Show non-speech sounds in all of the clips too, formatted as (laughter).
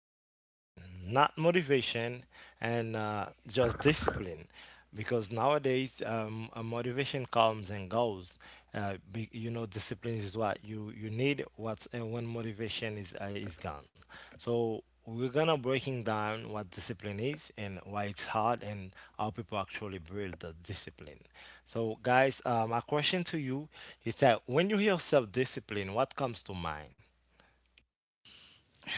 self-discipline, not motivation, and just discipline, because nowadays motivation comes and goes. Discipline is what you need. What's and when motivation is gone. So we're gonna breaking down what discipline is and why it's hard and how people actually build the discipline. So guys, my question to you is that when you hear self-discipline, what comes to mind?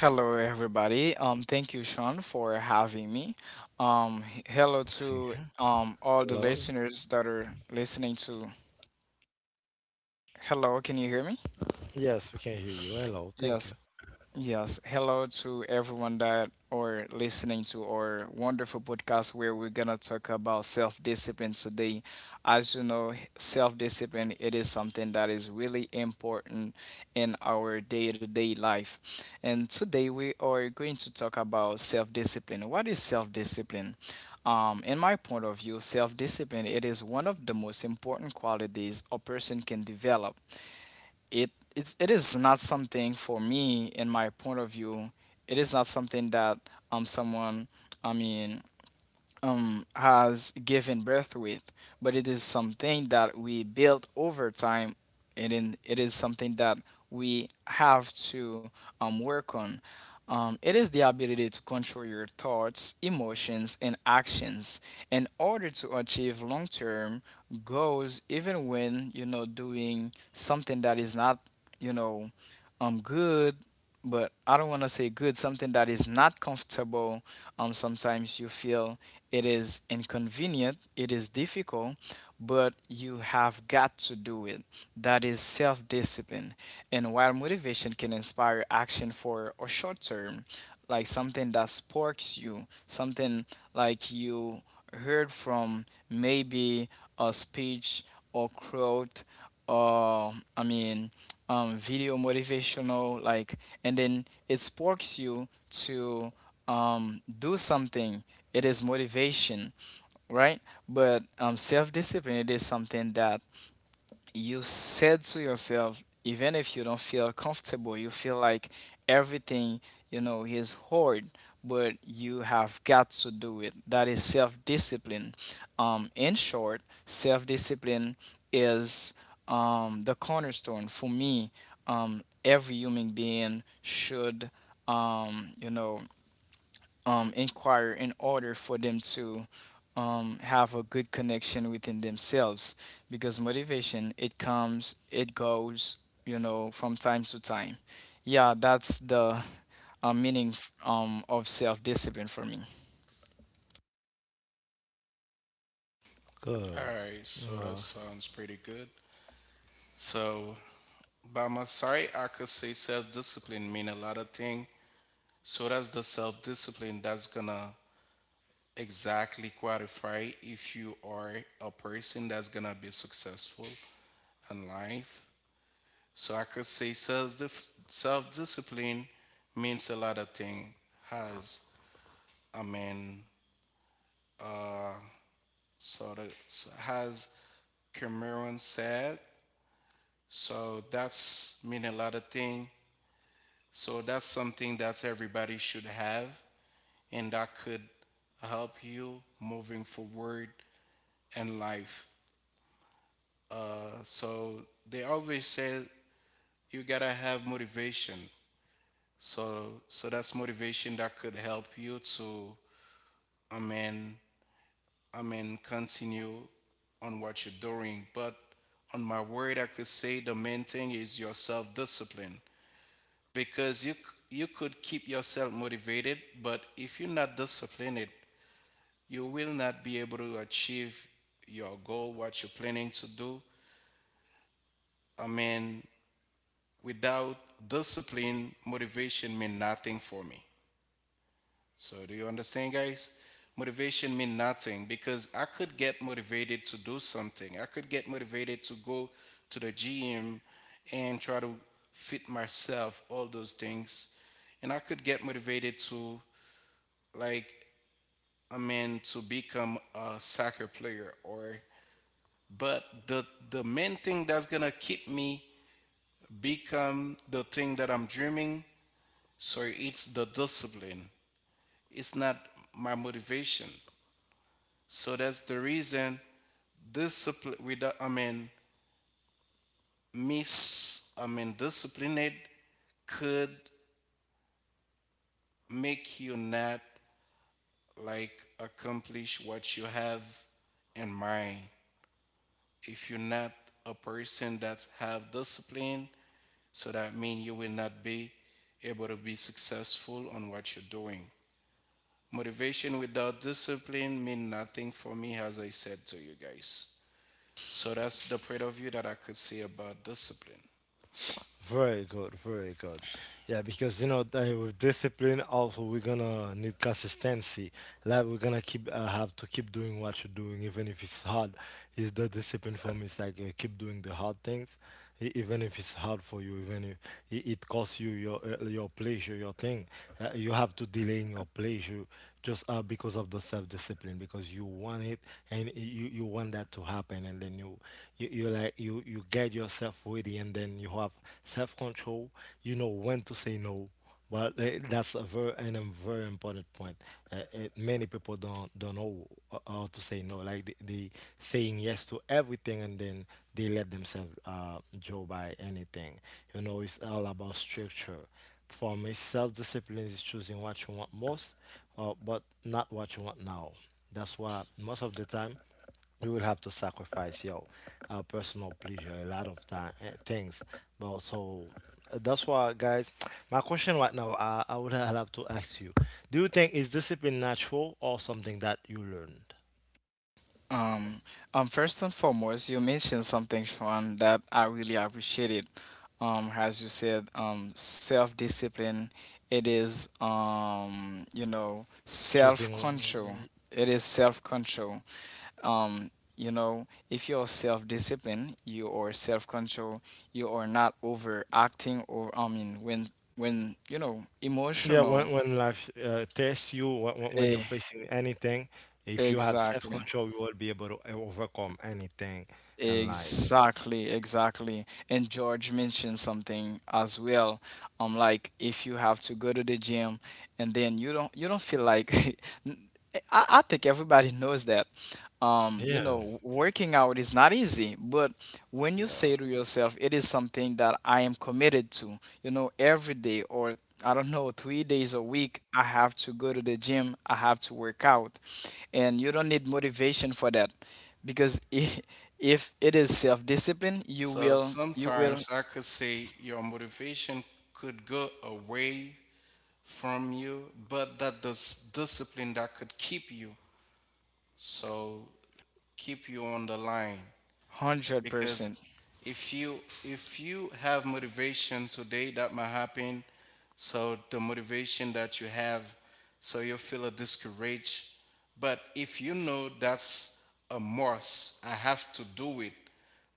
Hello, everybody. Thank you, Sean, for having me. Hello (laughs) to all the Hello? listeners that are listening to. Hello, can you hear me? Yes, we can hear you. Hello, thank you. Yes. Yes, hello to everyone that are listening to our wonderful podcast where we're gonna talk about self-discipline today. As you know, self-discipline it is something that is really important in our day-to-day life. And today we are going to talk about self-discipline. What is self-discipline? In my point of view, self-discipline it is one of the most important qualities a person can develop it it is not something for me in my point of view, it is not something that someone, i mean has given birth with, but it is something that we built over time, and in, it is something that we have to work on. It is the ability to control your thoughts, emotions, and actions in order to achieve long-term goals, even when you know doing something that is not, you know, good. But I don't want to say good, something that is not comfortable. Sometimes you feel it is inconvenient, it is difficult, but you have got to do it. That is self discipline. And while motivation can inspire action for a short term, like something that sparks you, something like you heard from maybe a speech or quote or video motivational like, and then it sparks you to do something, it is motivation, right? But self discipline, it is something that you said to yourself, even if you don't feel comfortable, you feel like everything, you know, is hard, but you have got to do it. That is self discipline. In short, self discipline is the cornerstone for me. Every human being should, um, you know, inquire in order for them to have a good connection within themselves, because motivation it comes it goes, you know, from time to time. Yeah, that's the meaning of self-discipline for me. All Good. right, so that Uh, sounds pretty good. So, by my side, I could say self-discipline mean a lot of thing. So that's the self-discipline that's gonna exactly qualify if you are a person that's gonna be successful in life. So I could say self-discipline means a lot of thing. Has I mean, uh, sort of has Cameron said. So that's mean a lot of thing. So that's something that everybody should have, and that could help you moving forward in life. So they always say you gotta have motivation. So that's motivation that could help you to I mean continue on what you're doing. But on my word, I could say the main thing is your self-discipline because you could keep yourself motivated, but if you're not disciplined you will not be able to achieve your goal, what you're planning to do. I mean, Without discipline, motivation mean nothing for me. So, do you understand, guys? Motivation mean nothing because I could get motivated to do something. I could get motivated to go to the gym and try to fit myself, all those things. And I could get motivated to, like, I mean, to become a soccer player or but the main thing that's gonna keep me become the thing that I'm dreaming. So it's the discipline. It's not my motivation. So that's the reason discipline without I mean miss I mean disciplined could make you not, like, accomplish what you have in mind. If you're not a person that have discipline, so that means you will not be able to be successful on what you're doing. Motivation without discipline mean nothing for me, as I said to you guys. So that's the point of view that I could say about discipline. Very good, very good. Yeah, because you know that with discipline also we're gonna need consistency. Like we're gonna keep have to keep doing what you're doing, even if it's hard. Is the discipline for me? It's like keep doing the hard things, even if it's hard for you, even if it costs you your pleasure, your thing. You have to delay in your pleasure just because of the self-discipline, because you want it and you want that to happen, and then you get yourself ready, and then you have self-control. You know when to say no. Well, that's a very important point. Many people don't know how to say no. Like they saying yes to everything, and then they let themselves go by anything. You know, it's all about structure. For me, self discipline is choosing what you want most, but not what you want now. That's why most of the time. You will have to sacrifice your our personal pleasure a lot of time things, but so that's why, guys, my question right now, I would (laughs) have to ask you: do you think is discipline natural or something that you learned? Um, First and foremost, you mentioned something, Sean, that I really appreciated. As you said, self-discipline. It is, you know, Choosing self-control. uh, It is self-control. Um, you know, if you're self-disciplined, you are self-control. You are not overacting, or I mean, when you know yeah, emotional. when life tests you, when you're Eh, facing anything, if you have exactly. self-control you will be able to overcome anything in life. Exactly, exactly. And George mentioned something as well. Like if you have to go to the gym and then you don't feel like (laughs) N- I think everybody knows that. You Yeah. know, working out is not easy, but when you Yeah. say to yourself, it is something that I am committed to, you know, every day or I don't know, 3 days a week, I have to go to the gym, I have to work out. And you don't need motivation for that, because (laughs) if it is self-discipline, you So will you will sometimes I could say your motivation could go away from you, but that this discipline that could keep you. So keep you on the line. Because 100%. if you if you have motivation today that might happen, so the motivation that you have, so you feel a discouraged, but if you know that's a must, I have to do it,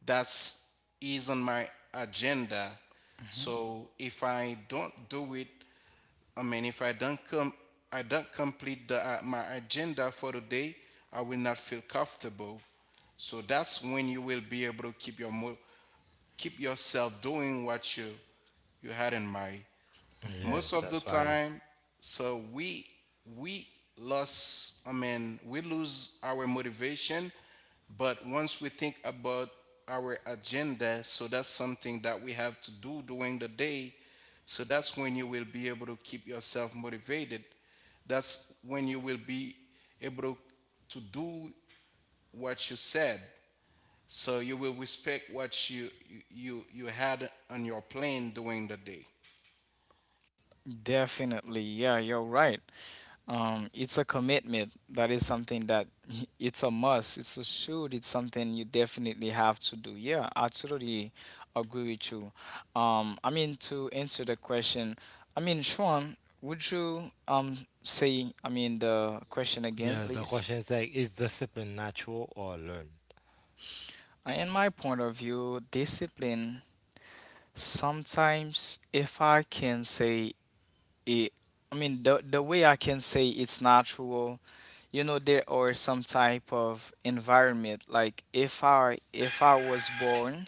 that's is on my agenda. Mhm, So if I don't do it, if I don't come, I don't complete the, my agenda for the day, I will not feel comfortable. So that's when you will be able to keep yourself doing what you had in mind mhm. most Yes, of the that's why you. time. So we lost I mean we lose our motivation, but once we think about our agenda, so that's something that we have to do during the day. So that's when you will be able to keep yourself motivated, that's when you will be able to do what you said. So you will respect what you had on your plan during the day. Definitely, yeah, you're right. It's a commitment. That is something that (laughs) it's a must. It's a should. It's something you definitely have to do. Yeah, I totally agree with you. To answer the question. I mean, Sean, would you say the question again, Yeah, the please? question is like, is discipline natural or learned? In my point of view, discipline sometimes, if I can say it, the way I can say it's natural, you know, there are some type of environment. Like if I was born,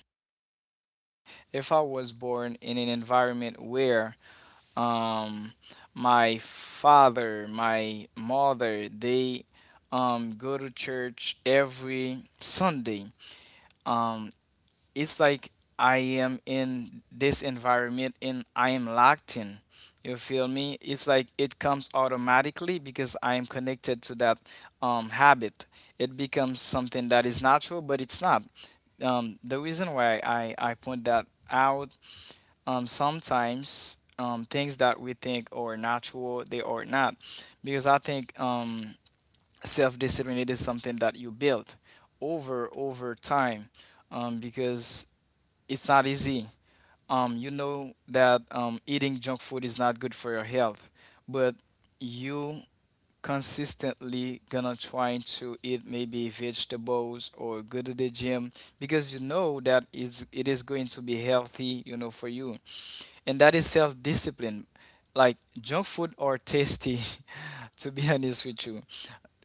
if I was born in an environment where um my father, my mother, they go to church every Sunday. Um it's like I am in this environment and I am locked in. You feel me? It's like it comes automatically because I am connected to that habit. It becomes something that is natural, but it's not. The reason why I point that out, sometimes things that we think are natural, they are not. Because I think self discipline it is something that you build over time, because it's not easy. You know that eating junk food is not good for your health, but you consistently gonna trying to eat maybe vegetables or go to the gym because you know that is it is going to be healthy, you know, for you. And that is self-discipline. Like junk food or tasty, (laughs) to be honest with you,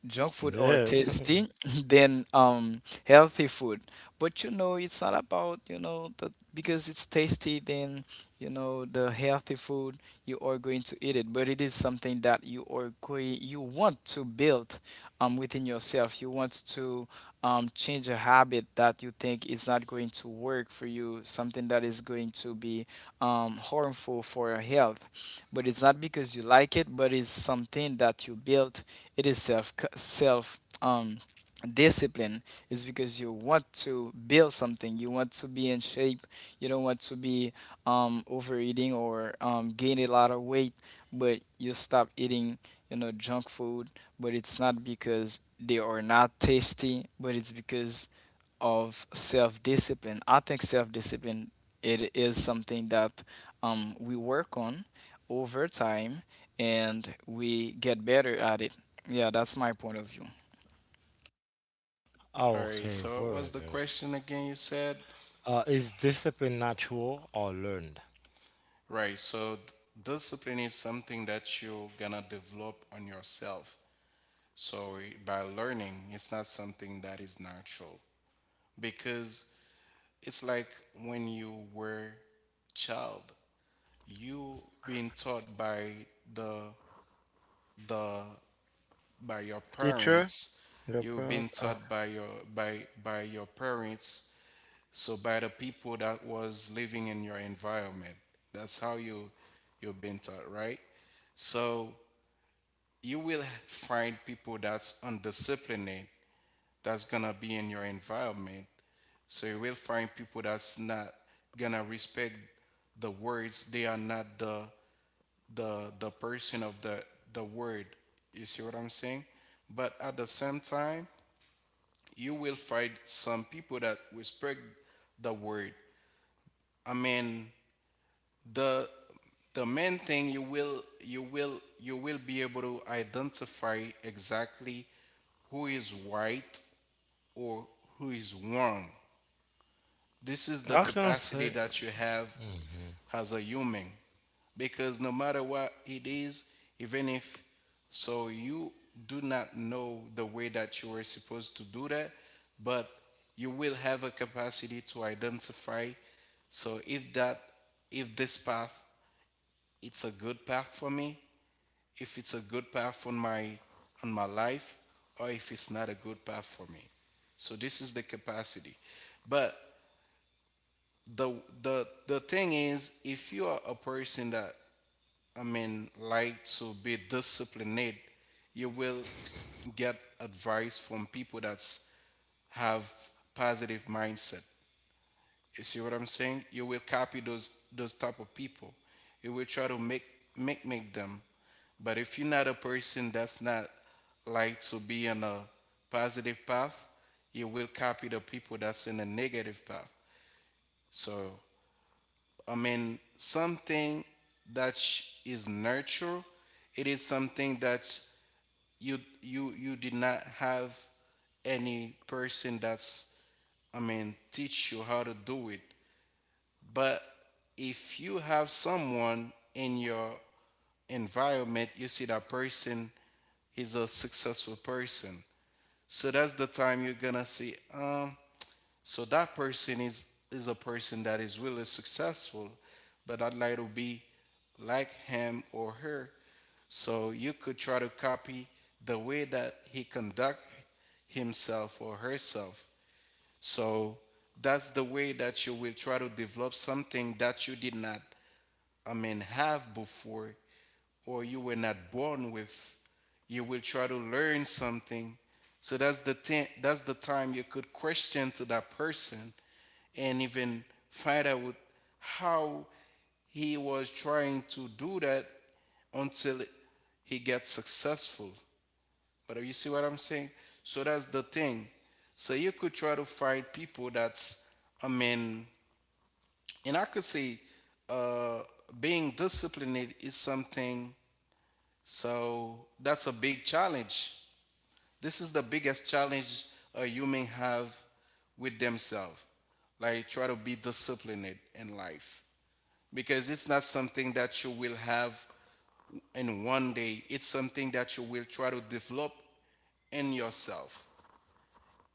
junk food are Yeah. (laughs) tasty (laughs) than healthy food, but you know it's not about you know that because it's tasty then you know the healthy food you are going to eat it, but it is something that you are going you want to build within yourself, you want to change a habit that you think is not going to work for you, something that is going to be harmful for your health. But it's not because you like it, but it's something that you built, it is self discipline. Is because you want to build something, you want to be in shape, you don't want to be overeating or gain a lot of weight, but you stop eating, you know, junk food, but it's not because they are not tasty, but it's because of self-discipline. I think self-discipline, it is something that we work on over time and we get better at it. Yeah, that's my point of view. Oh, All right, okay, so what very was the good. question again you said? Is discipline natural or learned? Right, so d- Discipline is something that you're gonna develop on yourself. So by learning, it's not something that is natural because it's like when you were child, you being taught by the the by your Teacher, parents, the you've proud. been taught Oh. by your parents, so by the people that was living in your environment, that's how you you've been taught, right? So you will find people that's undisciplined that's gonna be in your environment. So you will find people that's not gonna respect the words, they are not the person of the word, you see what I'm saying? But at the same time you will find some people that respect the word. i mean the the main thing, you will be able to identify exactly who is right or who is wrong. This is the I can capacity say. that you have Mhm. as a human, because no matter what it is, even if so you do not know the way that you are supposed to do that, but you will have a capacity to identify. So if that, if this path, it's a good path for me, if it's a good path on my life, or if it's not a good path for me. So this is the capacity. But the the thing is if you are a person that, I mean, like to be disciplined, you will get advice from people that have positive mindset. You see what I'm saying? You will copy those type of people. You will try to make them. But if you're not a person that's not like to be on a positive path, you will copy the people that's in a negative path. So I mean something that is nurture, it is something that you did not have any person that's, I mean, teach you how to do it. But if you have someone in your environment, you see that person is a successful person. So that's the time you're gonna see, so that person is a person that is really successful, but I'd like to be like him or her. So you could try to copy the way that he conduct himself or herself. So that's the way that you will try to develop something that you did not, I mean, have before or you were not born with. You will try to learn something. So that's the thing, that's the time you could question to that person and even find out how he was trying to do that until he gets successful. But you see what I'm saying? So that's the thing. So you could try to find people that's, I mean, and I could say, uh, being disciplined is something, so that's a big challenge. This is the biggest challenge a human have with themselves. Like try to be disciplined in life, because it's not something that you will have in one day. It's something that you will try to develop in yourself.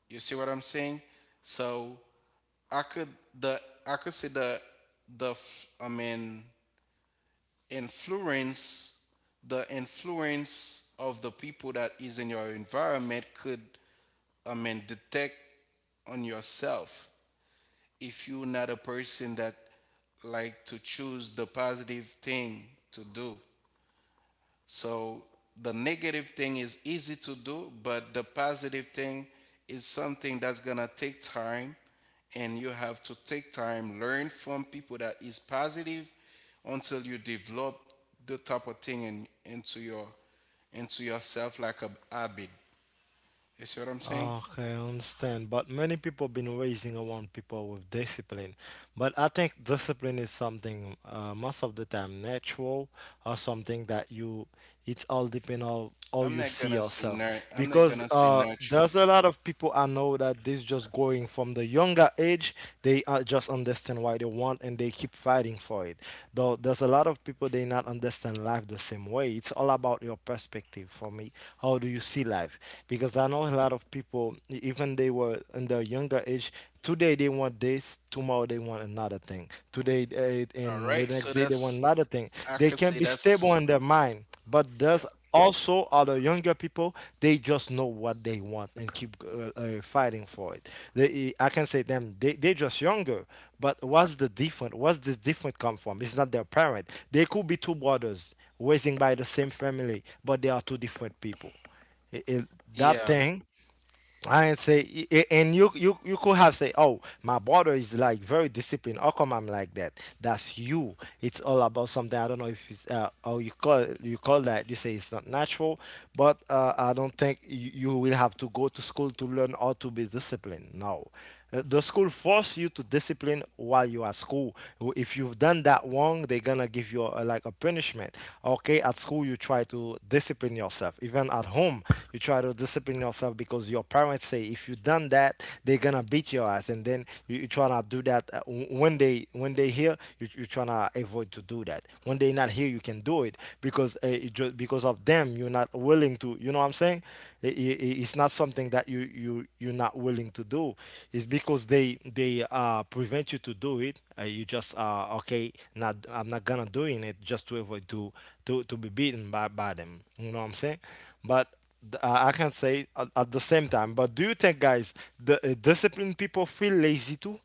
You see what I'm saying? So I could the I could say the the f- I mean influence the influence of the people that is in your environment could, I mean, detect on yourself. If you're not a person that like to choose the positive thing to do, so the negative thing is easy to do, but the positive thing is something that's gonna take time, and you have to take time, learn from people that is positive, until you develop the type of thing in, into your into yourself like a habit. You see what I'm saying? Okay, I understand. But many people been raising around people with discipline. But I think discipline is something most of the time natural, or something that you, it's all depend on how you see yourself. I'm not Because gonna say natural. there's a lot of people I know that this just going from the younger age, they just understand why they want and they keep fighting for it. Though there's a lot of people they not understand life the same way. It's all about your perspective for me. How do you see life? Because I know a lot of people, even they were in their younger age, today they want this, tomorrow they want another thing. Today All and the right, next so day they want that's another thing. I They could can say be stable in that's their mind, but yeah there's also other younger people. They just know what they want and keep fighting for it. They, I can say them. They just younger, but what's the different? What's this different come from? It's not their parent. They could be two brothers raising by the same family, but they are two different people it, it- that yeah thing. I ain't say, and you could have say, oh, my brother is like very disciplined. How come I'm like that? That's you. It's all about something. I don't know if it's oh you call that. You say it's not natural, but I don't think you will have to go to school to learn how to be disciplined. No, the school force you to discipline while you are at school. If you've done that wrong, they're gonna give you a, like a punishment. Okay, at school you try to discipline yourself. Even at home, you try to discipline yourself because your parents say if you done that, they're gonna beat your ass. And then you try to do that when they hear you try to avoid to do that. When they not here, you can do it because just because of them you're not willing to. You know what I'm saying? It's not something that you're not willing to do. It's because they prevent you to do it. You just okay, not, I'm not gonna doing it just to avoid to be beaten by them. You know what I'm saying? But I can say, at the same time, but do you think, guys, the disciplined people feel lazy too?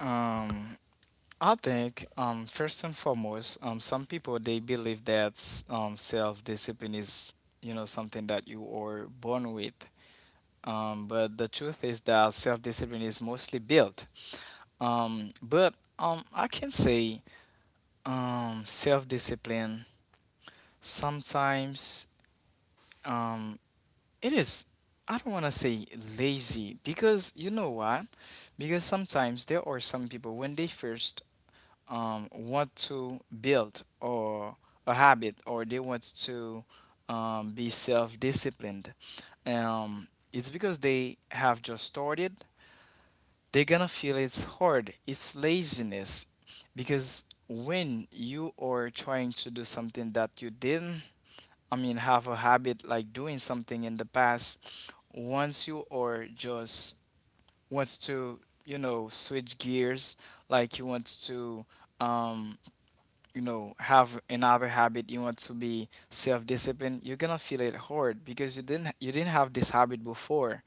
Um, I think first and foremost, some people they believe that self-discipline is you know something that you are born with. But the truth is that self-discipline is mostly built. But I can say self-discipline sometimes, um, it is. I don't want to say lazy, because you know what? Because sometimes there are some people when they first want to build or a habit, or they want to be self-disciplined, um, it's because they have just started, they're gonna feel it's hard, it's laziness. Because when you are trying to do something that you didn't have a habit like doing something in the past, once you are just wants to, you know, switch gears, like you want to um you know have another habit, you want to be self-disciplined, you're gonna feel it hard because you didn't have this habit before.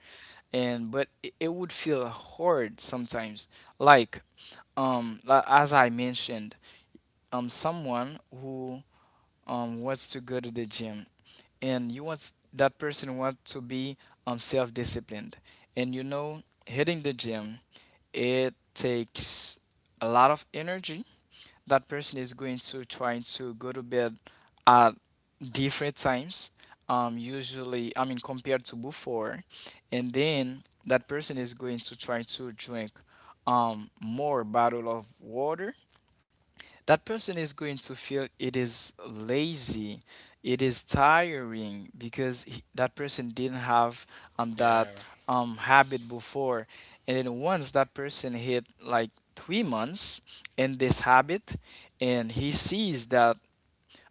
And but it would feel hard sometimes, like as I mentioned, someone who wants to go to the gym, and you want that person want to be self-disciplined. And you know hitting the gym, it takes a lot of energy. That person is going to try to go to bed at different times, usually compared to before. And then that person is going to try to drink more bottle of water. That person is going to feel it is lazy, it is tiring, because that person didn't have that yeah. Habit before. And then once that person hit like 3 months in this habit, and he sees that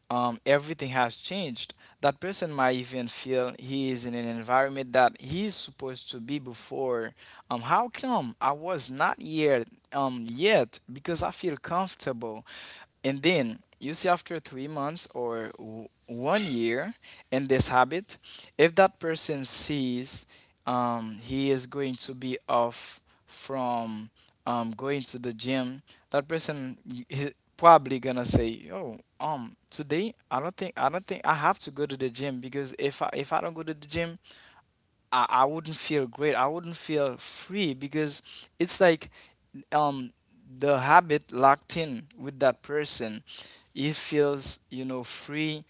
everything has changed, that person might even feel he is in an environment that he's supposed to be before. How come I was not here yet, because I feel comfortable. And then you see after 3 months or one year in this habit, if that person sees he is going to be off from going to the gym, that person is probably gonna say, "Oh, today I don't think I have to go to the gym, because if I don't go to the gym, I wouldn't feel great. I wouldn't feel free, because it's like um the habit locked in with that person, he feels, you know, free.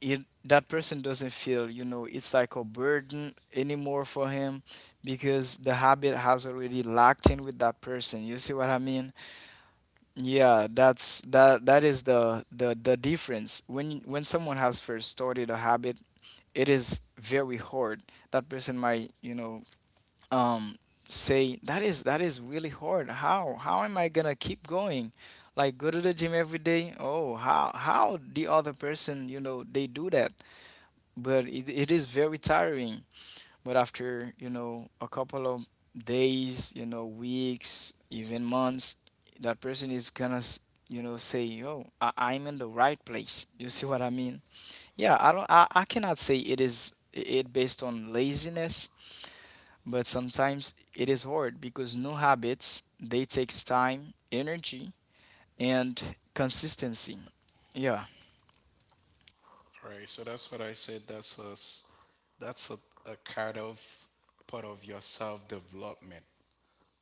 It that person doesn't feel, you know, it's like a burden anymore for him, because the habit has already locked in with that person, you see what I mean? Yeah, that is the the difference. When someone has first started a habit, it is very hard. That person might, you know, um say that is really hard, how am I gonna keep going, like go to the gym every day. Oh, how the other person, you know, they do that, but it is very tiring. But after, you know, a couple of days, you know, weeks, even months, that person is gonna you know say, oh I'm in the right place, you see what I mean? Yeah, I don't I cannot say it is it based on laziness, but sometimes it is hard because new habits they takes time, energy, and consistency. Yeah. Right. So that's what I said. That's a kind of part of your self development.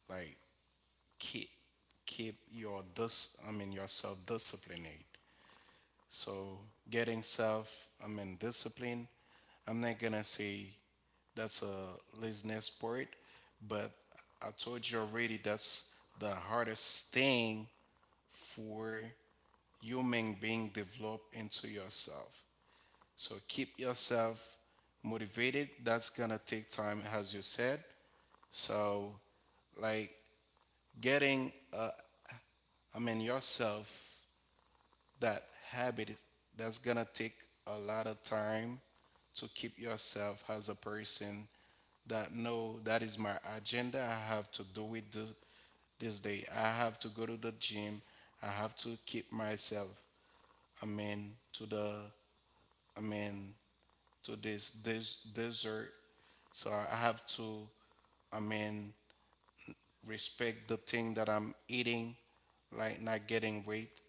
Like keep yourself disciplined. So getting self I mean discipline. I'm not gonna say that's a listening sport, but I told you already that's the hardest thing for human being develop into yourself. So keep yourself motivated. That's gonna take time, as you said. So, like getting, I mean, yourself that habit, that's gonna take a lot of time to keep yourself as a person that no, that is my agenda. I have to do it this, this day. I have to go to the gym. I have to keep myself, I mean, to the, I mean, to this dessert. So I have to, I mean, respect the thing that I'm eating, like not getting weight.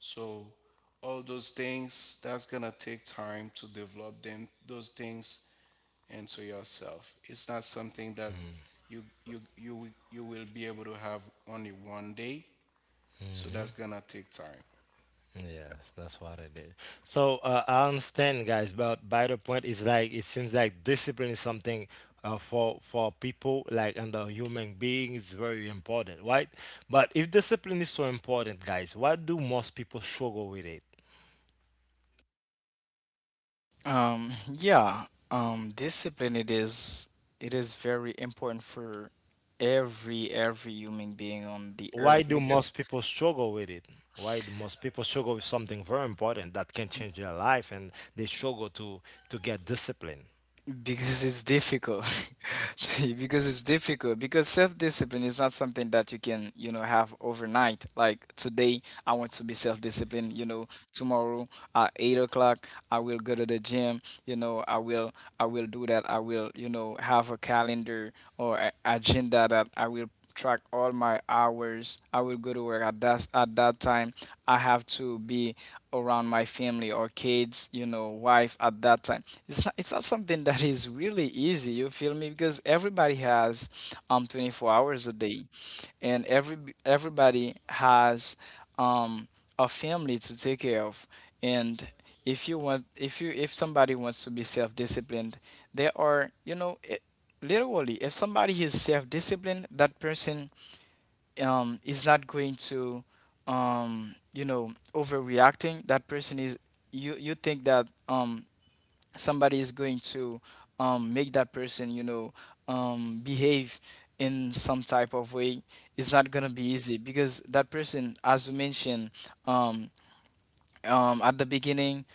So all those things, that's gonna take time to develop them, those things into yourself. It's not something that you will be able to have only one day. So that's gonna take time. Yes, that's what I did. So, I understand, guys. But by the point is like it seems like discipline is something for people like and the human being is very important, right? But if discipline is so important, guys, why do most people struggle with it? Um, yeah. Discipline it is very important for every human being on the Why earth do most because... people struggle with it? Why do most people struggle with something very important that can change their life and they struggle to get discipline? Because it's difficult. (laughs) Because it's difficult. Because self-discipline is not something that you can, you know, have overnight. Like today, I want to be self-disciplined. You know, tomorrow at 8 o'clock, I will go to the gym. You know, I will do that. I will, you know, have a calendar or a agenda that I will track all my hours. I will go to work at that time. I have to be around my family or kids, you know, wife at that time. It's not something that is really easy, you feel me? Because everybody has 24 hours a day, and everybody has um a family to take care of. And if you want, if you, if somebody wants to be self-disciplined, there are, you know, it, literally, if somebody is self-disciplined, that person is not going to, you know, overreacting. That person is, you think that somebody is going to make that person, you know, behave in some type of way. It's not gonna be easy because that person, as you mentioned, um, at the beginning,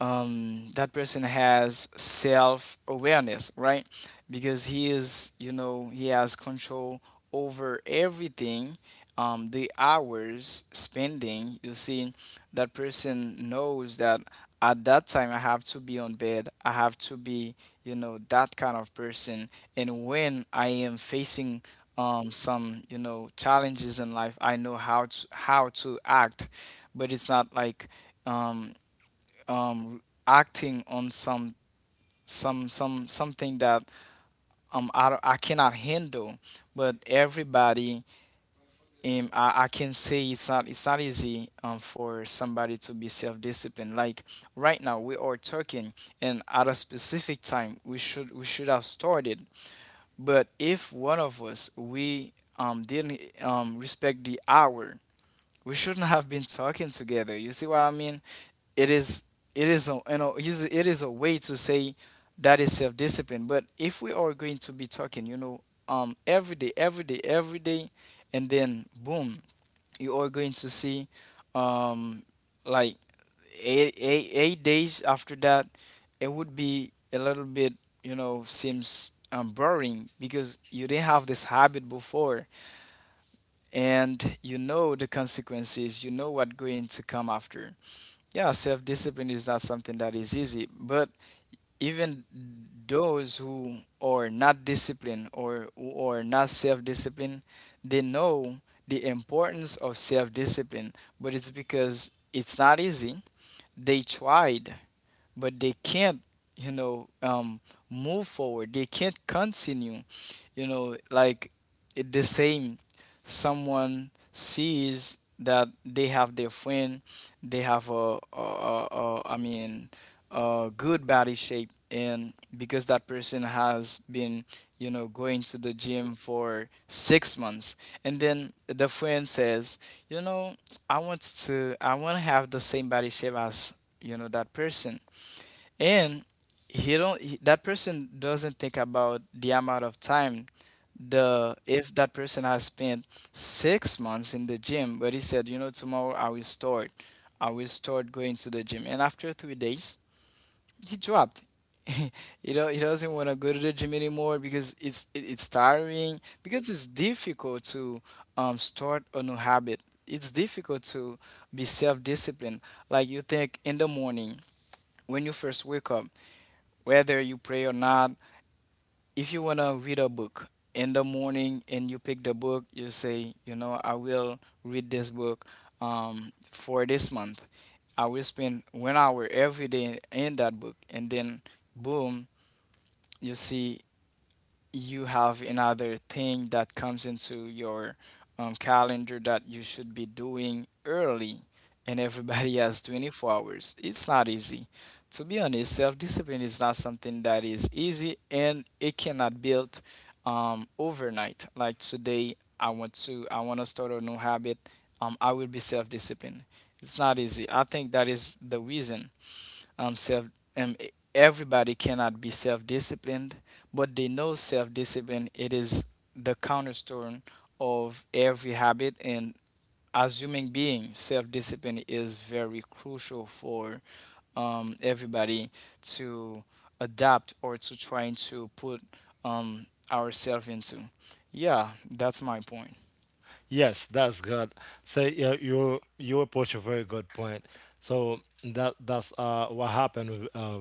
that person has self awareness, right? Because he is, you know, he has control over everything. The hours spending, you see, that person knows that at that time I have to be on bed. I have to be, you know, that kind of person. And when I am facing, some, you know, challenges in life, I know how to act. But it's not like, um, um, acting on some, something that I, I cannot handle. But everybody, I can say it's not, it's not easy, for somebody to be self-disciplined. Like right now we are talking, and at a specific time we should have started. But if one of us we didn't respect the hour, we shouldn't have been talking together, you see what I mean? It is, it is a, you know is- it is a way to say that is self discipline. But if we are going to be talking, you know, every day, and then boom, you are going to see, um like 8 days after that, it would be a little bit, you know, seems boring, because you didn't have this habit before, and you know the consequences, you know what going to come after. Yeah, self-discipline is not something that is easy, but even those who are not disciplined or who are not self-disciplined, they know the importance of self-discipline, but it's because it's not easy. They tried, but they can't, you know, move forward, they can't continue, you know, like it, the same. Someone sees that they have their friend, they have a, I mean a good body shape, and because that person has been, you know, going to the gym for 6 months, and then the friend says, you know, I want to have the same body shape as, you know, that person. And he don't he, that person doesn't think about the amount of time the if that person has spent 6 months in the gym. But he said, you know, tomorrow I will start going to the gym, and after 3 days he dropped. (laughs) You know, he doesn't want to go to the gym anymore, because it's tiring, because it's difficult to start a new habit. It's difficult to be self-disciplined. Like you think in the morning when you first wake up, whether you pray or not, if you want to read a book in the morning and you pick the book, you say, you know, I will read this book for this month. I will spend 1 hour every day in that book, and then boom, you see, you have another thing that comes into your calendar that you should be doing early, and everybody (laughs) has 24 hours. It's not easy. To be honest, self-discipline is not something that is easy, and it cannot build overnight. Like today, I want to start a new habit. I will be self-disciplined. It's not easy. I think that is the reason self everybody cannot be self-disciplined, but they know self-discipline, it is the cornerstone of every habit. And as human being, self-discipline is very crucial for everybody to adapt or to trying to put ourselves into, yeah, that's my point. Yes, that's good. So yeah, you approach a very good point. So that that's what happened with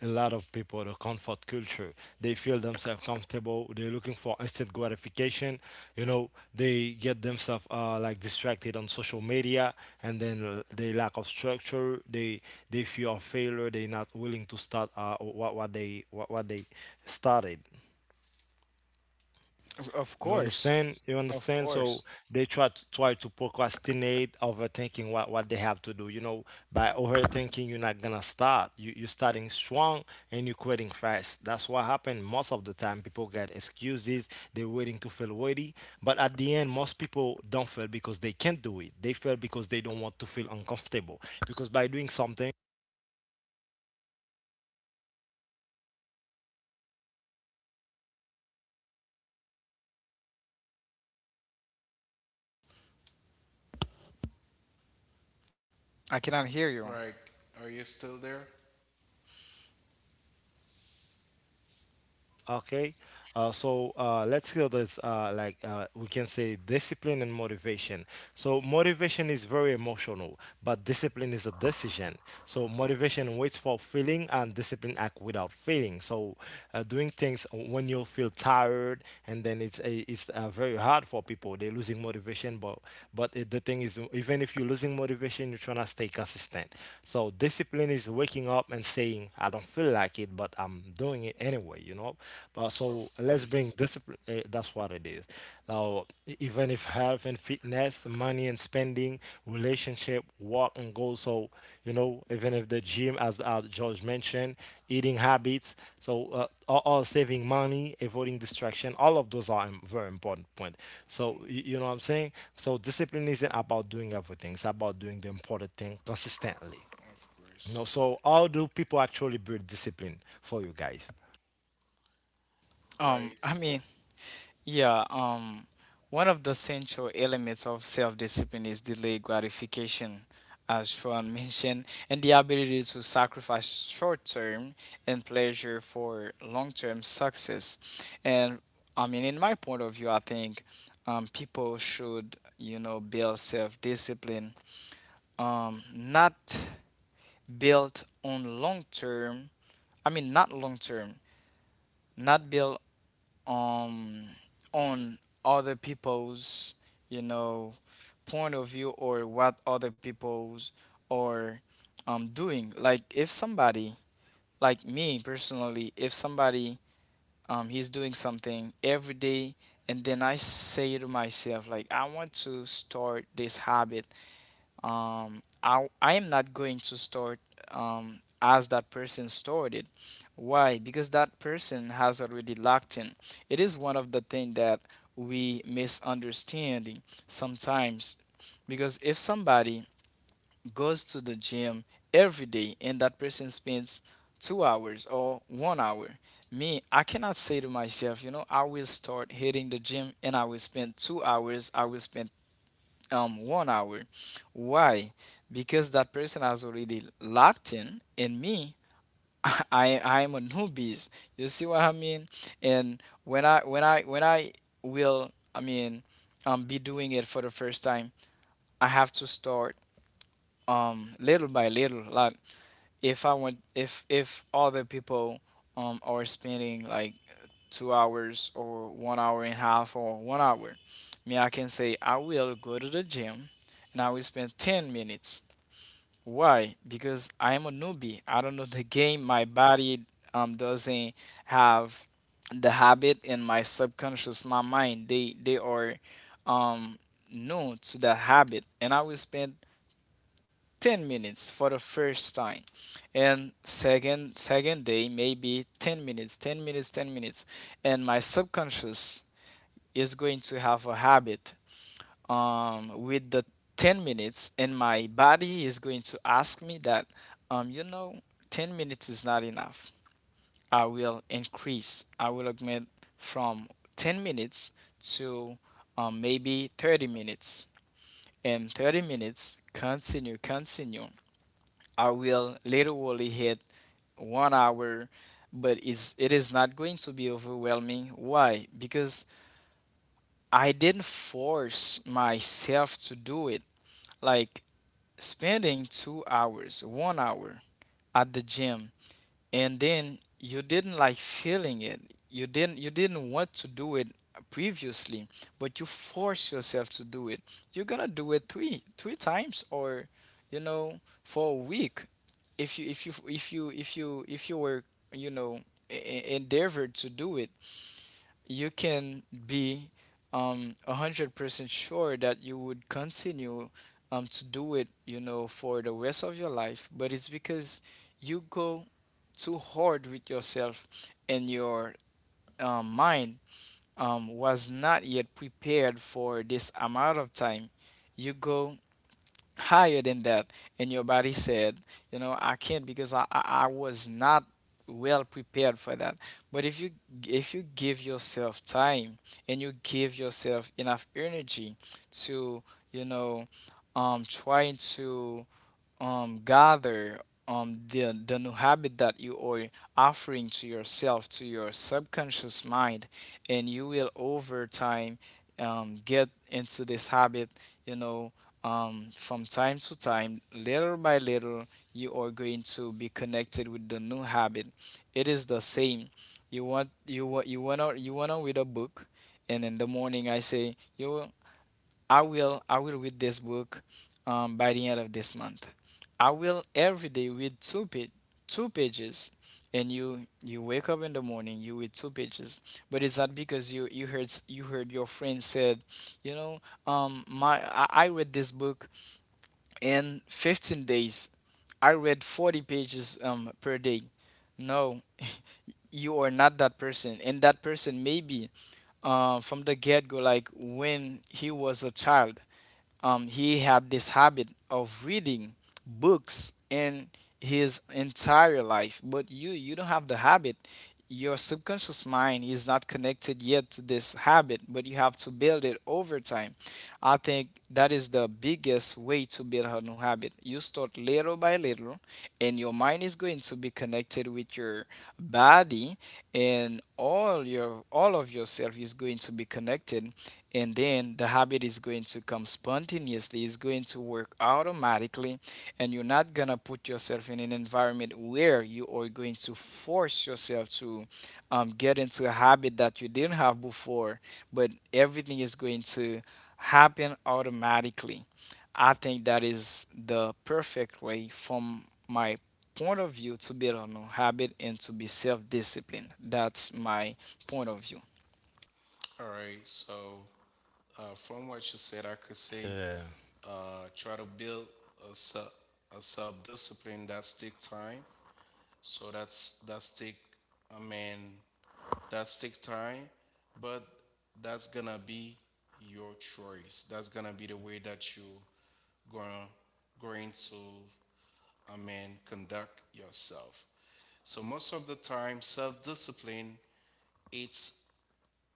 a lot of people. The comfort culture, they feel themselves comfortable. They're looking for instant gratification. You know, they get themselves like distracted on social media, and then they lack of structure. They fear of failure. They're not willing to start what they started. Of You course. understand? You Of understand? So course. they try to procrastinate, overthinking what they have to do. You know, by overthinking, you're not gonna start. You're starting strong and you're quitting fast. That's what happened most of the time. People get excuses. They're waiting to feel ready, but at the end, most people don't fail because they can't do it. They fail because they don't want to feel uncomfortable. Because by doing something I cannot hear you. Like, are you still there? okay, so let's kill this. Like, we can say discipline and motivation. So motivation is very emotional, but discipline is a decision. So motivation waits for feeling, and discipline act without feeling. So doing things when you feel tired, and then it's very hard for people. They're losing motivation, but it, the thing is, even if you're losing motivation, you're trying to stay consistent. So discipline is waking up and saying, "I don't feel like." like it, but I'm doing it anyway, you know. But so Of let's bring course, discipline. That's what it is. Now, even if health and fitness, money and spending, relationship, work and goals. So you know, even if the gym, as George mentioned, eating habits. So, all saving money, avoiding distraction. All of those are very important point. So you know what I'm saying. So discipline isn't about doing everything. It's about doing the important thing consistently. of No, course. so how do people actually build discipline for you guys? um Right. i mean Yeah, one of the central elements of self-discipline is delayed gratification, as Sean mentioned, and the ability to sacrifice short-term and pleasure for long-term success. And I mean, in my point of view, I think people should, you know, build self-discipline, not built on long-term. I mean, not long-term, not built um on other people's, you know, point of view, or what other people's are doing. Like if somebody, like me personally, if somebody he's doing something every day, and then I say to myself, like, I want to start this habit. I am not going to start as that person started. Why? Because that person has already locked in. It is one of the things that we misunderstanding sometimes. Because if somebody goes to the gym every day, and that person spends 2 hours or 1 hour, me, I cannot say to myself, you know, I will start hitting the gym and I will spend 2 hours, I will spend 1 hour. Why? Because that person has already locked in, and me, (laughs) I am a newbies. You see what I mean? And when I will, I mean, be doing it for the first time, I have to start little by little. Like if I want, if other people are spending like 2 hours or 1 hour and a half or 1 hour. Me, I can say I will go to the gym and I will spend 10 minutes. Why? Because I am a newbie. I don't know the game. My body doesn't have the habit, and my subconscious, my mind. They are um, new to the habit. And I will spend 10 minutes for the first time, and second day maybe 10 minutes and my subconscious is going to have a habit, um, with the 10 minutes, and my body is going to ask me that, you know, 10 minutes is not enough. I will augment from 10 minutes to, maybe 30 minutes. And 30 minutes continue continue, I will literally hit 1 hour. But it's, it is not going to be overwhelming. Why? Because I didn't force myself to do it. Like spending 2 hours, 1 hour at the gym, and then you didn't like feeling it. You didn't want to do it previously, but you force yourself to do it. You're gonna do it three times, or you know, for a week. If you if you if you if you if you were, you know, endeavored to do it, you can be 100% sure that you would continue to do it, you know, for the rest of your life. But it's because you go too hard with yourself, and your mind was not yet prepared for this amount of time. You go higher than that, and your body said, you know, I can't, because I was not well prepared for that. But if you give yourself time, and you give yourself enough energy to, you know, trying to gather the new habit that you are offering to yourself, to your subconscious mind. And you will over time get into this habit, you know, from time to time, little by little, you are going to be connected with the new habit. It is the same. You want to read a book, and in the morning I say you, I will read this book by the end of this month. I will every day read two pages. And you wake up in the morning, you read two pages. But it's not because you heard you heard your friend said, you know I read this book in 15 days, I read 40 pages per day. No, you are not that person. And that person maybe from the get-go, like when he was a child, he had this habit of reading books in his entire life. But you don't have the habit. Your subconscious mind is not connected yet to this habit, but you have to build it over time. I think that is the biggest way to build a new habit. You start little by little, and your mind is going to be connected with your body, and all of yourself is going to be connected. And then the habit is going to come spontaneously. It's going to work automatically, and you're not going to put yourself in an environment where you are going to force yourself to get into a habit that you didn't have before. But everything is going to happen automatically. I think that is the perfect way from my point of view to build on a habit and to be self-disciplined. That's my point of view. All right. So, from what you said, I could say, Yeah, try to build a, se- a self-discipline that take time. So i mean that's take time. But that's gonna be your choice, that's gonna be the way that you gonna going to I mean conduct yourself. So most of the time self-discipline it's,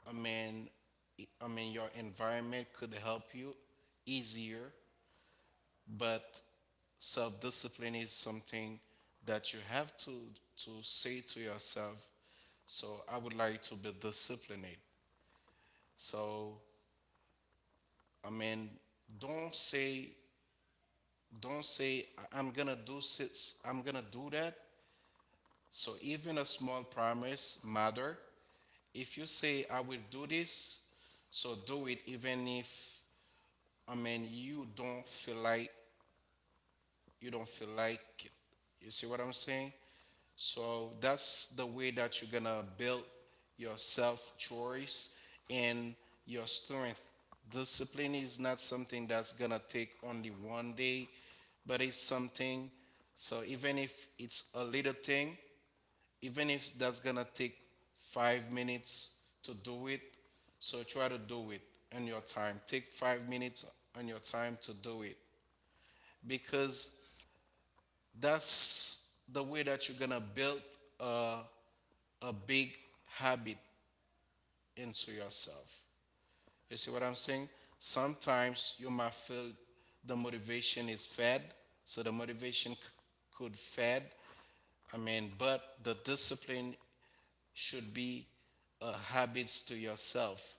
I mean, I mean, your environment could help you easier, but self discipline is something that you have to say to yourself, so I would like to be disciplined. So, I mean, don't say, don't say, "I am gonna do six, I'm gonna do that." So, even a small promise matter. If you say, I will do this, so do it, even if, I mean, you don't feel like it. You see what I'm saying? So that's the way that you're gonna build your self choice and your strength. Discipline is not something that's gonna take only one day, but it's something. So even if it's a little thing, even if that's gonna take 5 minutes to do it, so try to do it on your time. Take 5 minutes on your time to do it because that's the way that you're gonna build a a big habit into yourself. You see what I'm saying? Sometimes you might feel the motivation is fed, so the could fed. But the discipline should be a habits to yourself.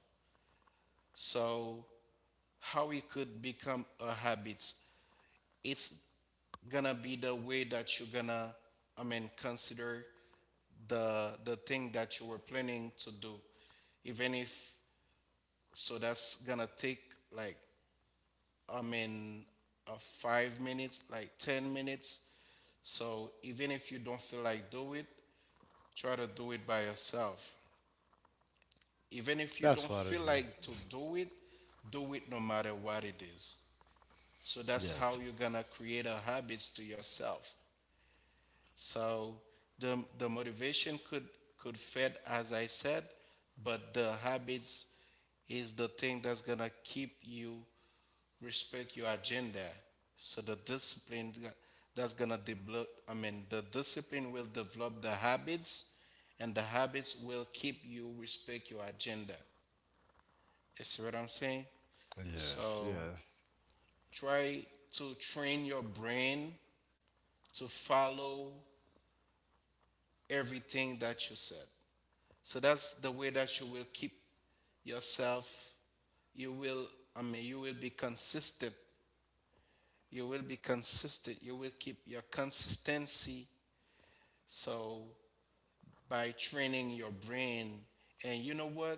So how it could become a habit? It's gonna be the way that you're gonna, consider the thing that you were planning to do even if So that's gonna take like I mean 5 minutes, like 10 minutes. So even if you don't feel like do it, try to do it by yourself. Even if you that's don't what I feel do. like to do it no matter what it is. So that's how Yes, you're gonna create a habits to yourself. So the motivation could fed as I said, but the habits is the thing that's gonna keep you respect your agenda. So the discipline that's gonna develop. The discipline will develop the habits, and the habits will keep you respect your agenda. You see what I'm saying? yes, So yeah, try to train your brain to follow everything that you said. So that's the way that you will keep yourself you will you will be consistent, you will keep your consistency. So by training your brain, and you know what?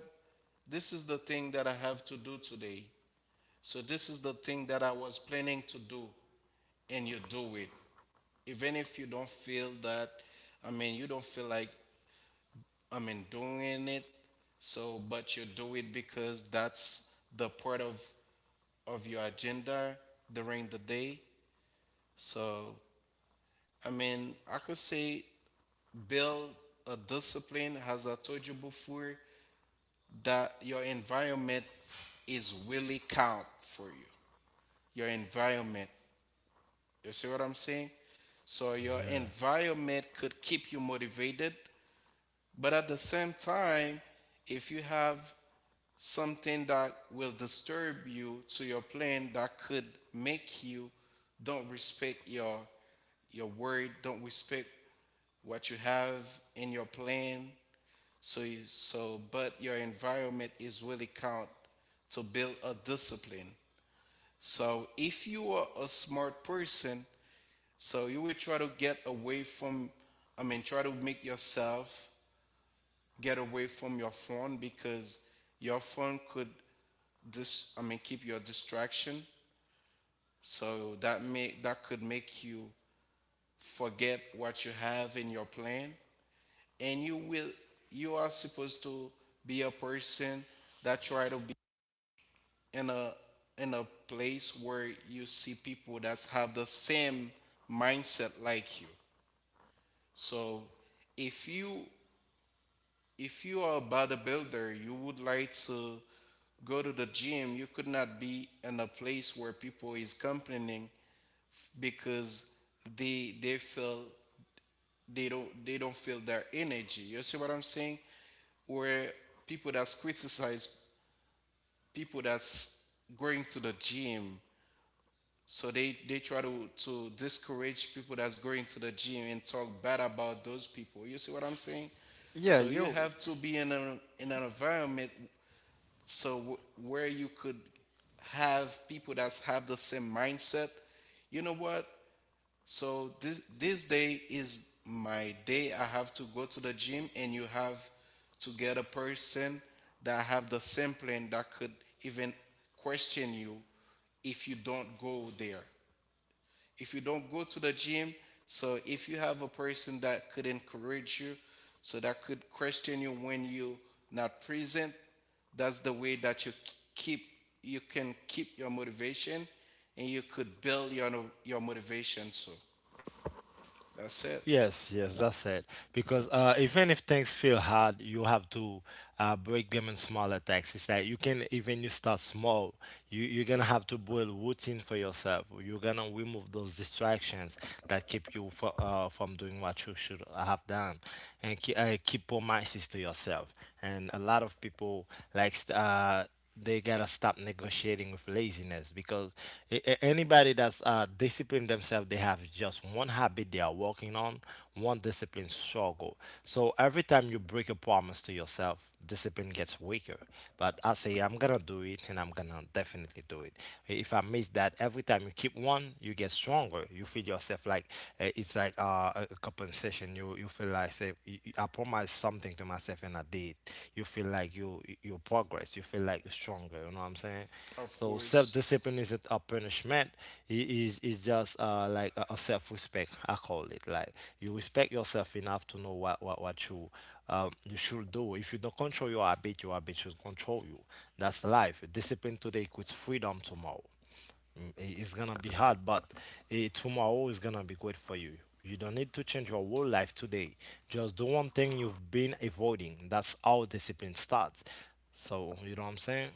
This is the thing that I have to do today. So this is the thing that I was planning to do, and you do it. Even if you don't feel that, you don't feel like, doing it. So, but you do it because that's the part of your agenda during the day. So, I could say build a discipline, as I told you before, that your environment is really count for you. Your environment. You see what I'm saying? So your yeah. environment could keep you motivated, but at the same time, if you have something that will disturb you to your plan that could make you don't respect your word, don't respect what you have in your plan. So you, so but your environment is really count to build a discipline. So if you are a smart person, so you will try to get away from try to make yourself get away from your phone because your phone could dis I mean keep your distraction. So that could make you forget what you have in your plan and you are supposed to be a person that try to be in a place where you see people that have the same mindset like you. So if you if you are a bodybuilder, you would like to go to the gym, you could not be in a place where people is complaining because they feel they don't feel their energy. You see what I'm saying? Where people that's criticize people that's going to the gym. So they try to discourage people that's going to the gym and talk bad about those people. You see what I'm saying? Yeah, So you you. have to be in an environment so w- where you could have people that have the same mindset. You know what? So this day is my day. I have to go to the gym, and you have to get a person that have the same plan that could even question you if you don't go there, if you don't go to the gym. So if you have a person that could encourage you, so that could question you when you not present, that's the way that you keep, you can keep your motivation, and you could build your no, your motivation. So that's it. Yes, yes, that's it. Because even if things feel hard, you have to break them in small attacks. It's like you can even you start small. You you're gonna have to build routine for yourself. You're gonna remove those distractions that keep you from doing what you should have done, and keep keep promises to yourself. And a lot of people like st- uh they gotta stop negotiating with laziness because anybody that's disciplined themselves, they have just one habit they are working on, one discipline struggle. So every time you break a promise to yourself, discipline gets weaker. But I say I'm gonna do it, and I'm gonna definitely do it. If I miss that, every time you keep one, you get stronger. You feel yourself like it's like a compensation person. You feel like say, I promised something to myself and I did. You feel like you progress, you feel like you're stronger, you know what I'm saying? Of So course. self-discipline isn't a punishment, it is it's just like a self-respect. I call it like you respect yourself enough to know what you should do. If you don't control your habit, your habit should control you. That's life. Discipline today equals freedom tomorrow. Mm, it's gonna be hard, but tomorrow is gonna be great for you. You don't need to change your whole life today. Just do one thing you've been avoiding. That's how discipline starts. So you know what I'm saying?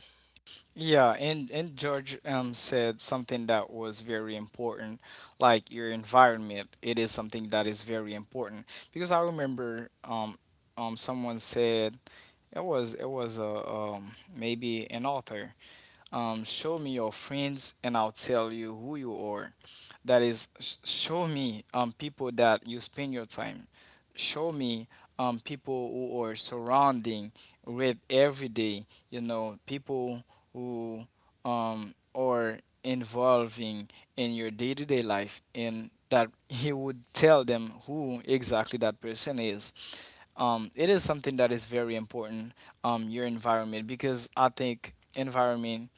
Yeah, and George said something that was very important, like your environment. It is something that is very important, because I remember someone said, it was a, maybe an author, show me your friends and I'll tell you who you are. That is, show me people that you spend your time, show me people who are surrounding with every day, you know, people who are involving in your day-to-day life, and that (laughs) he would tell them who exactly that person is. It is something that is very important. Your environment, because I think environment,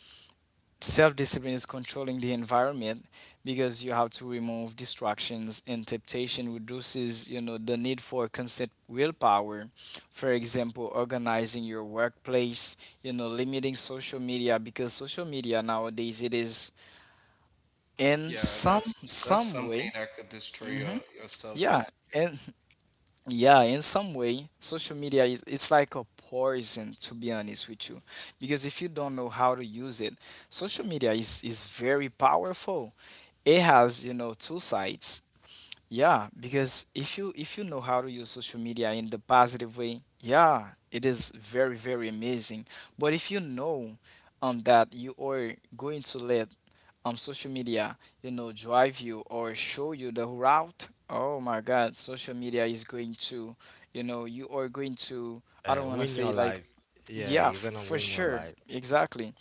self discipline is controlling the environment, because you have to remove distractions, and temptation reduces, you know, the need for constant willpower. For example, organizing your workplace, you know, limiting social media, because social media nowadays, it is in Yeah, that's some something way. that could destroy Hmm. Your Yeah, self-discipline. and yeah, in some way, social media is, it's like a poison, to be honest with you, because if you don't know how to use it, social media is very powerful. It has, you know, two sides. Yeah, because if you know how to use social media in the positive way, yeah, it is very, very amazing. But if you know that you are going to let social media, you know, drive you or show you the route, oh my god, social media is going to, you know, you are going to, I don't want to Win your say life. like. Yeah, Yeah, you're gonna for win your sure, life. exactly.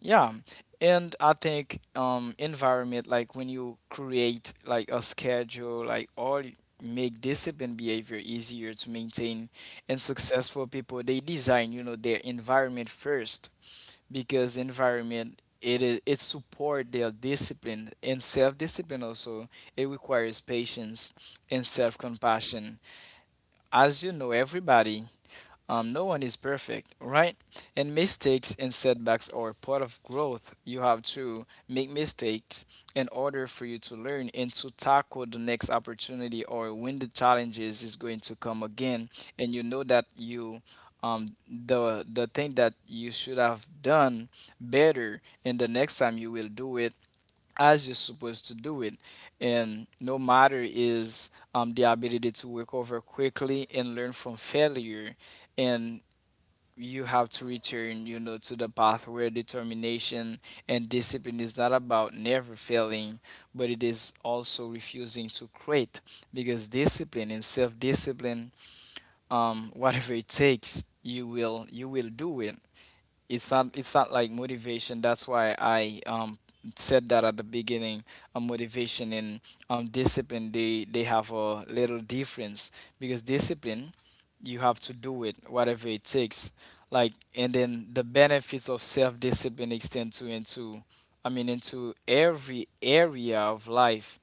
Yeah, and I think environment, like when you create like a schedule, like or make disciplined behavior easier to maintain. And successful people, they design, you know, their environment first, because environment, it is, it support their discipline. And self-discipline also, it requires patience and self-compassion. As you know, everybody, no one is perfect, right? And mistakes and setbacks are part of growth. You have to make mistakes in order for you to learn and to tackle the next opportunity or when the challenges is going to come again. And you know that you, the thing that you should have done better, and the next time you will do it as you're supposed to do it. And no matter is the ability to recover quickly and learn from failure. And you have to return, you know, to the path where determination and discipline is not about never failing, but it is also refusing to quit. Because discipline and self-discipline, (laughs) whatever it takes, you will do it. It's not, it's not like motivation. That's why I said that at the beginning. Motivation and discipline, they have a little difference, because discipline, you have to do it whatever it takes. Like, and then the benefits of self-discipline extend to into, I mean, into every area of life.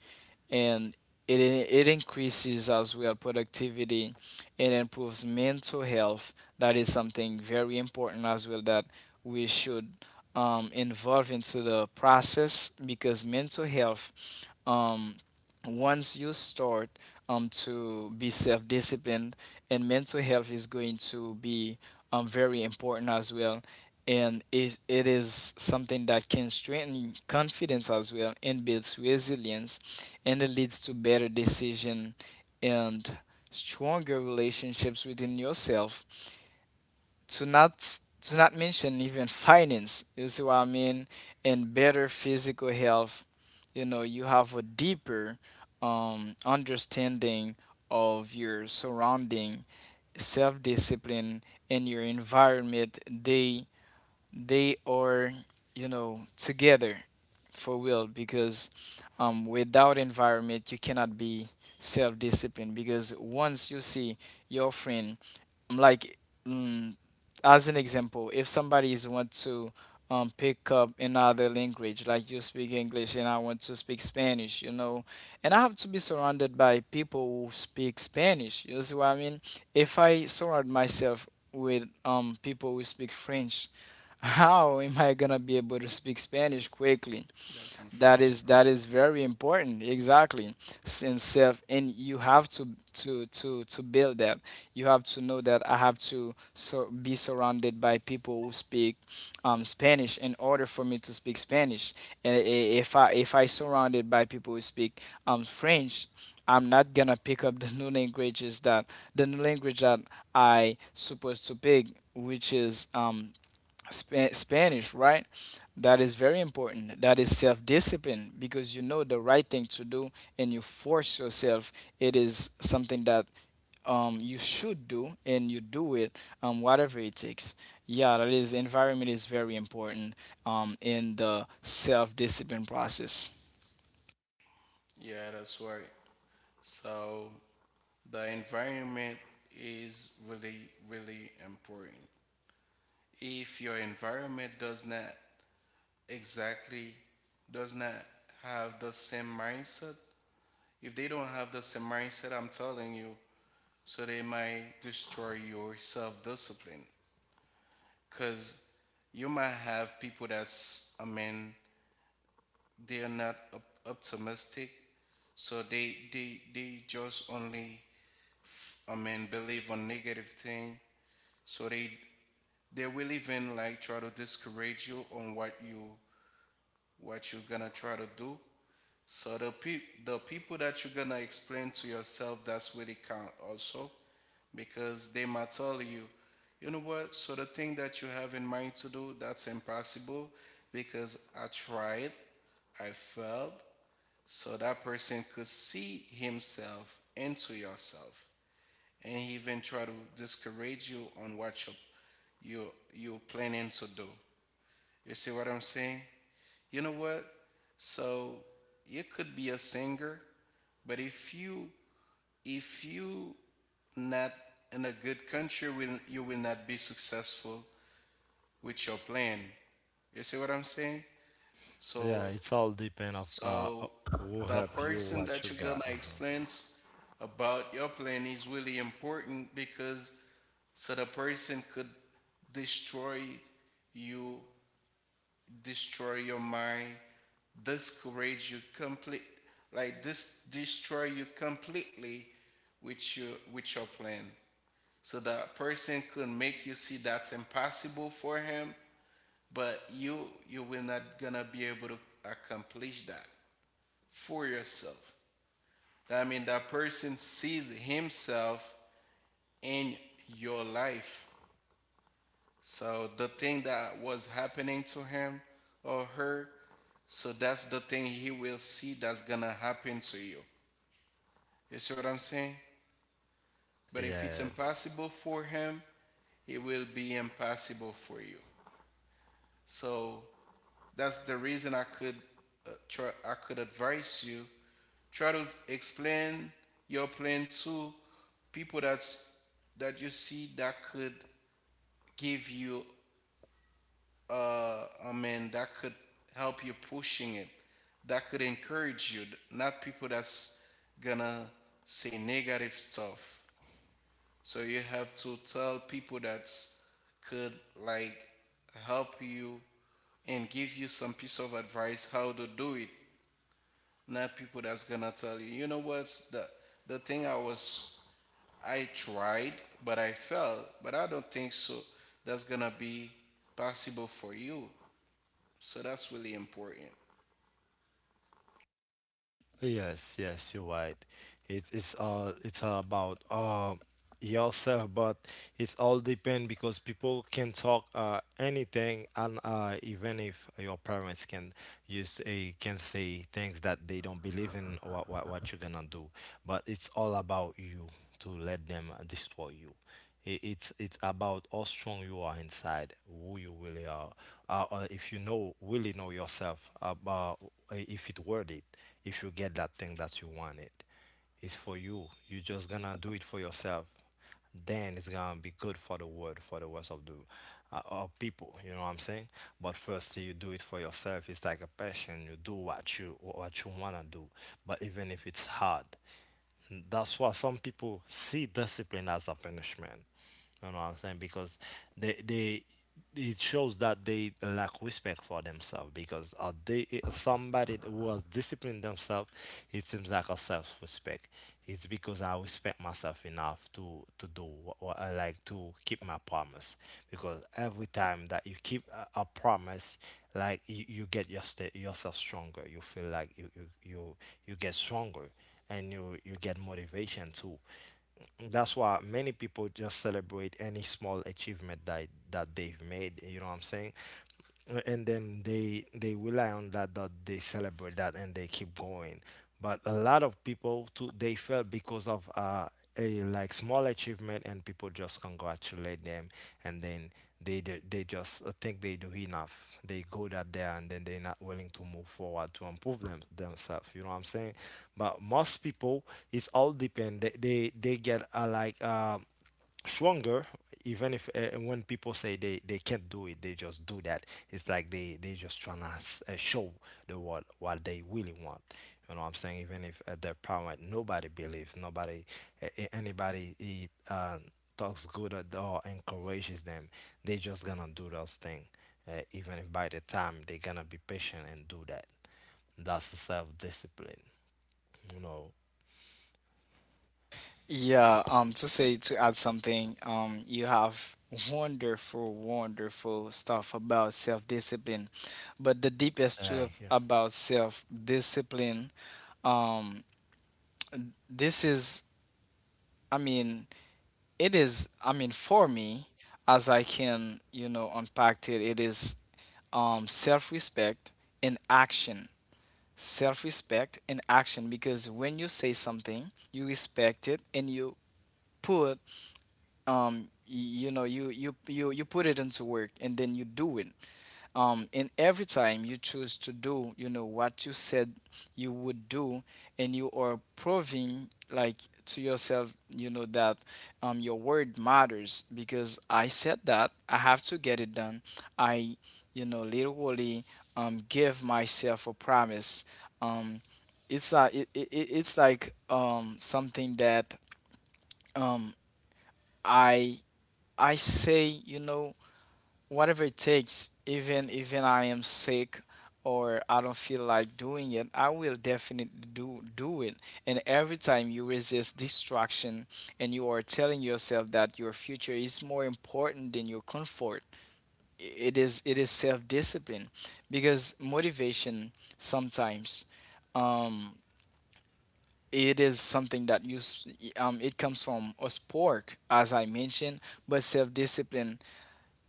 And it increases as well productivity and improves mental health. That is something very important as well, that we should involve into the process. Because mental health, um, once you start to be self-disciplined, and mental health is going to be very important as well. And is it is something that can strengthen confidence as well, and builds resilience, and it leads to better decision and stronger relationships within yourself, to not mention even finance, you see what I mean? And better physical health, you know, you have a deeper understanding of your surrounding. Self-discipline and your environment, they are, you know, together, for real. Because without environment, you cannot be self-disciplined. Because once you see your friend like, mm, as an example, if somebody is want to pick up another language, like you speak English and I want to speak Spanish, you know, and I have to be surrounded by people who speak Spanish, you see what I mean? If I surround myself with people who speak French, (laughs) how am I gonna be able to speak Spanish quickly? That's That is, impossible. that is very important. Exactly. And self, and you have to to build that. You have to know that I have to so be surrounded by people who speak Spanish in order for me to speak Spanish. And if I, if I surrounded by people who speak French, I'm not gonna pick up (laughs) the new language that I supposed to pick, which is Spanish, right? That is very important. That is self discipline, because you know the right thing to do, and you force yourself. It is something that you should do, and you do it, whatever it takes. Yeah, that is, environment is very important in the self discipline process. Yeah, that's right. So the environment is really, really important. If your environment does not exactly, does not have the same mindset, if they don't have the same mindset, I'm telling you, so they might destroy your self discipline. Because you might have people that's, they're not optimistic, so they just only, believe on negative thing. So they will even like try to discourage you on what you what you're gonna try to do. So the people that you're gonna explain to yourself that's really count also, because they might tell you, you know what, so the thing that you have in mind to do, that's impossible because I tried, I failed. So that person could see himself into yourself and he even try to discourage you on what you you're planning to do. You see what I'm saying? You know what? So you could be a singer, but if you not in a good country, will you will not be successful with your plan. You see what I'm saying? Yeah, So it's all depend of so who the help you, person what that you you're gonna got. Uh-huh. About your plan is really important because so the person could destroy you, destroy your mind, discourage you complete, like this, destroy you completely with your with your plan. So that person could make you see that's impossible for him, but you will not gonna be able to accomplish that for yourself. I mean that person sees himself in your life. So the thing that was happening to him or her, so that's the thing he will see that's gonna happen to you. You see what I'm saying? But if it's Yeah. impossible for him, it will be impossible for you. So that's the reason I could I could advise you try to explain your plan to people that that you see that could give you that could help you pushing it, that could encourage you, not people that's gonna say negative stuff. So you have to tell people that could like help you and give you some piece of advice how to do it. Not people that's gonna tell you, you know what's the thing I was I tried but I failed, but I don't think so. That's gonna be possible for you. So that's really important. Yes, yes, you're right. It's all it's all about yourself, but it's all depend because people can talk anything and even if your parents can use a can say things that they don't believe in or what you're gonna do, but it's all about you to let them destroy you. It's about how strong you are inside, who you really are. If you know really know yourself about if it worth it, if you get that thing that you wanted, it's for you. You're just gonna do it for yourself. Then it's gonna be good for the world, for the rest of the of people. You know what I'm saying? But first, you do it for yourself. It's like a passion. You do what you wanna do. But even if it's hard. That's why some people see discipline as a punishment. You know what I'm saying? Because they it shows that they lack respect for themselves because they somebody who has disciplined themselves, it seems like a self-respect. It's because I respect myself enough to do what I like to keep my promise. Because every time that you keep a promise, like you get your sta yourself stronger. You feel like you get stronger and you get motivation too. That's why many people just celebrate any small achievement that they've made. You know what I'm saying? And then they rely on that they celebrate that and they keep going, but a lot of people too they fell because of a like small achievement, and people just congratulate them, and then they just think they do enough, they go that there, and then they're not willing to move forward to improve themselves. You know what I'm saying? But most people, it's all depend they get stronger. Even if when people say they can't do it, they just do that. It's like they just trying to show the world what they really want. You know what I'm saying? Even if at their power nobody believes, nobody anybody talks good at all, encourages them, they just gonna do those things. Even if by the time they gonna be patient and do that, that's the self-discipline, you know. Yeah, to say, to add something, you have wonderful, wonderful stuff about self-discipline. But the deepest truth Yeah. about self-discipline, um, this is, I mean, it is, I mean, for me, as I can, you know, unpack it, it is self-respect in action. Self-respect in action, because when you say something, you respect it, and you put you know, you put it into work, and then you do it. And every time you choose to do, you know, what you said you would do, and you are proving, like, to yourself, you know, that your word matters, because I said that I have to get it done. I, you know, literally give myself a promise. um it's not it's like something that um I. I say, you know, whatever it takes, even, I am sick or I don't feel like doing it, I will definitely do it. And every time you resist distraction, and you are telling yourself that your future is more important than your comfort, it is, it is self-discipline. Because motivation sometimes, um it is something that it comes from a spark, as I mentioned. But self-discipline,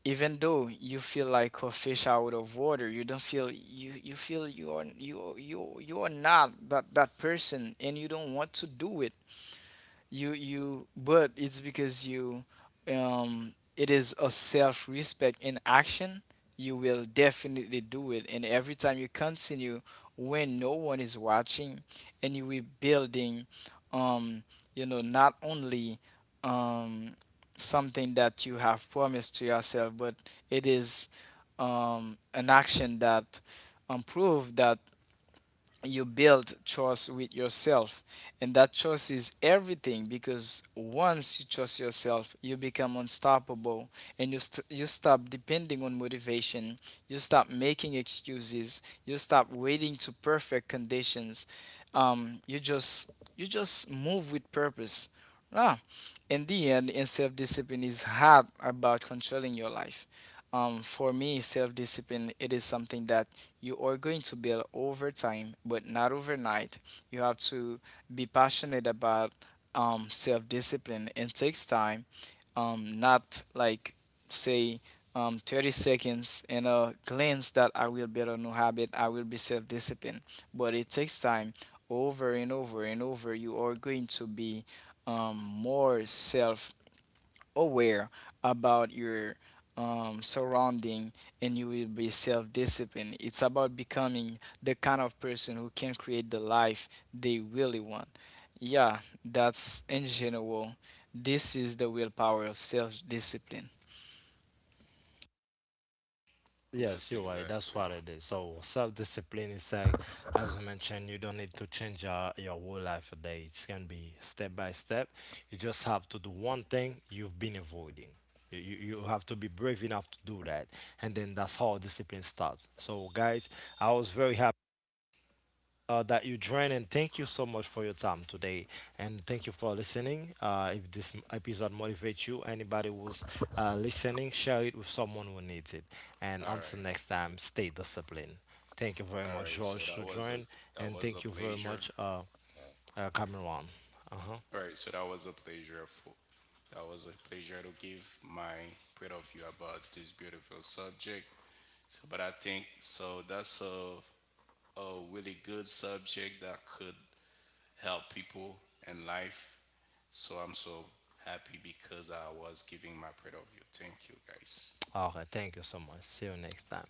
even though you feel like a fish out of water, you don't feel you you feel you are you you you are not that person and you don't want to do it, you but it's because you, it is a self-respect in action, you will definitely do it. And every time you continue when no one is watching, and you will building um you know, not only um something that you have promised to yourself, but it is an action that prove that you build trust with yourself. And that trust is everything, because once you trust yourself, you become unstoppable, and you stop depending on motivation, you stop making excuses, you stop waiting to perfect conditions. You just, you just move with purpose. Ah, in the end, and self-discipline is hard about controlling your life. For me, self-discipline, it is something that you are going to build over time, but not overnight. You have to be passionate about self-discipline. It takes time, not like, say, 30 seconds in a glance, that I will build a new habit, I will be self-disciplined. But it takes time. Over and over and over, you are going to be more self aware about your surrounding, and you will be self-disciplined. It's about becoming the kind of person who can create the life they really want. Yeah, that's in general. This is the willpower of self-discipline. Yes, That's you're right. That's exactly. what it is. So self-discipline is like, as I mentioned, you don't need to change your whole life a day. It can be step by step. You just have to do one thing you've been avoiding. You have to be brave enough to do that, and then that's how discipline starts. So, guys, I was very happy that you join, and thank you so much for your time today. And thank you for listening. If this episode motivates you, anybody who's listening, share it with someone who needs it. And All until right. next time, stay disciplined. Thank you very All much, right. So George, to join, that and was a thank you very pleasure. much, Cameron. Uh-huh. All right. So that was a pleasure for that was a pleasure to give my point of view about this beautiful subject. So, but I think so that's a really good subject that could help people in life. So I'm so happy because I was giving my point of view. Thank you, guys. Okay, thank you so much. See you next time.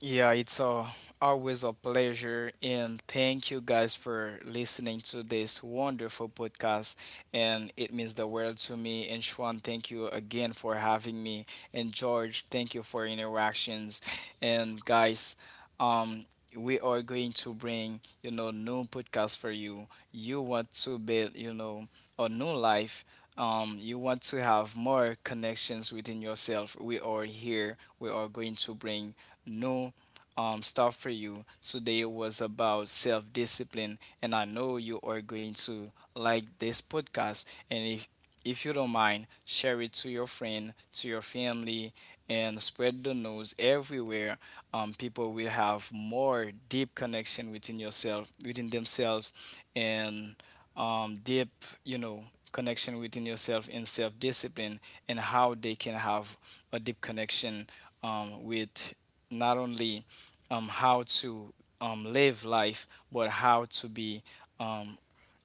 Yeah, it's a always a pleasure, and thank you guys for listening to this wonderful podcast. And it means the world to me. And Schwan, thank you again for having me. And George, thank you for interactions. And guys, um, we are going to bring, you know, new podcast for you. You want to build, you know, a new life. You want to have more connections within yourself. We are here. We are going to bring new stuff for you. Today was about self discipline, and I know you are going to like this podcast. And if you don't mind, share it to your friend, to your family, and spread the news everywhere. People will have more deep connection within yourself, within themselves, and deep, you know, connection within yourself and self-discipline, and how they can have a deep connection with not only how to live life, but how to be, um,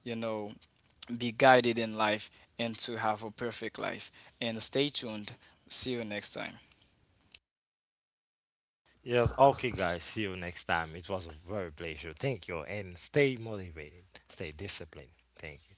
you know, be guided in life, and to have a perfect life. And stay tuned. See you next time. Yes, okay, guys. See you next time. It was a very pleasure. Thank you, and stay motivated, stay disciplined. Thank you.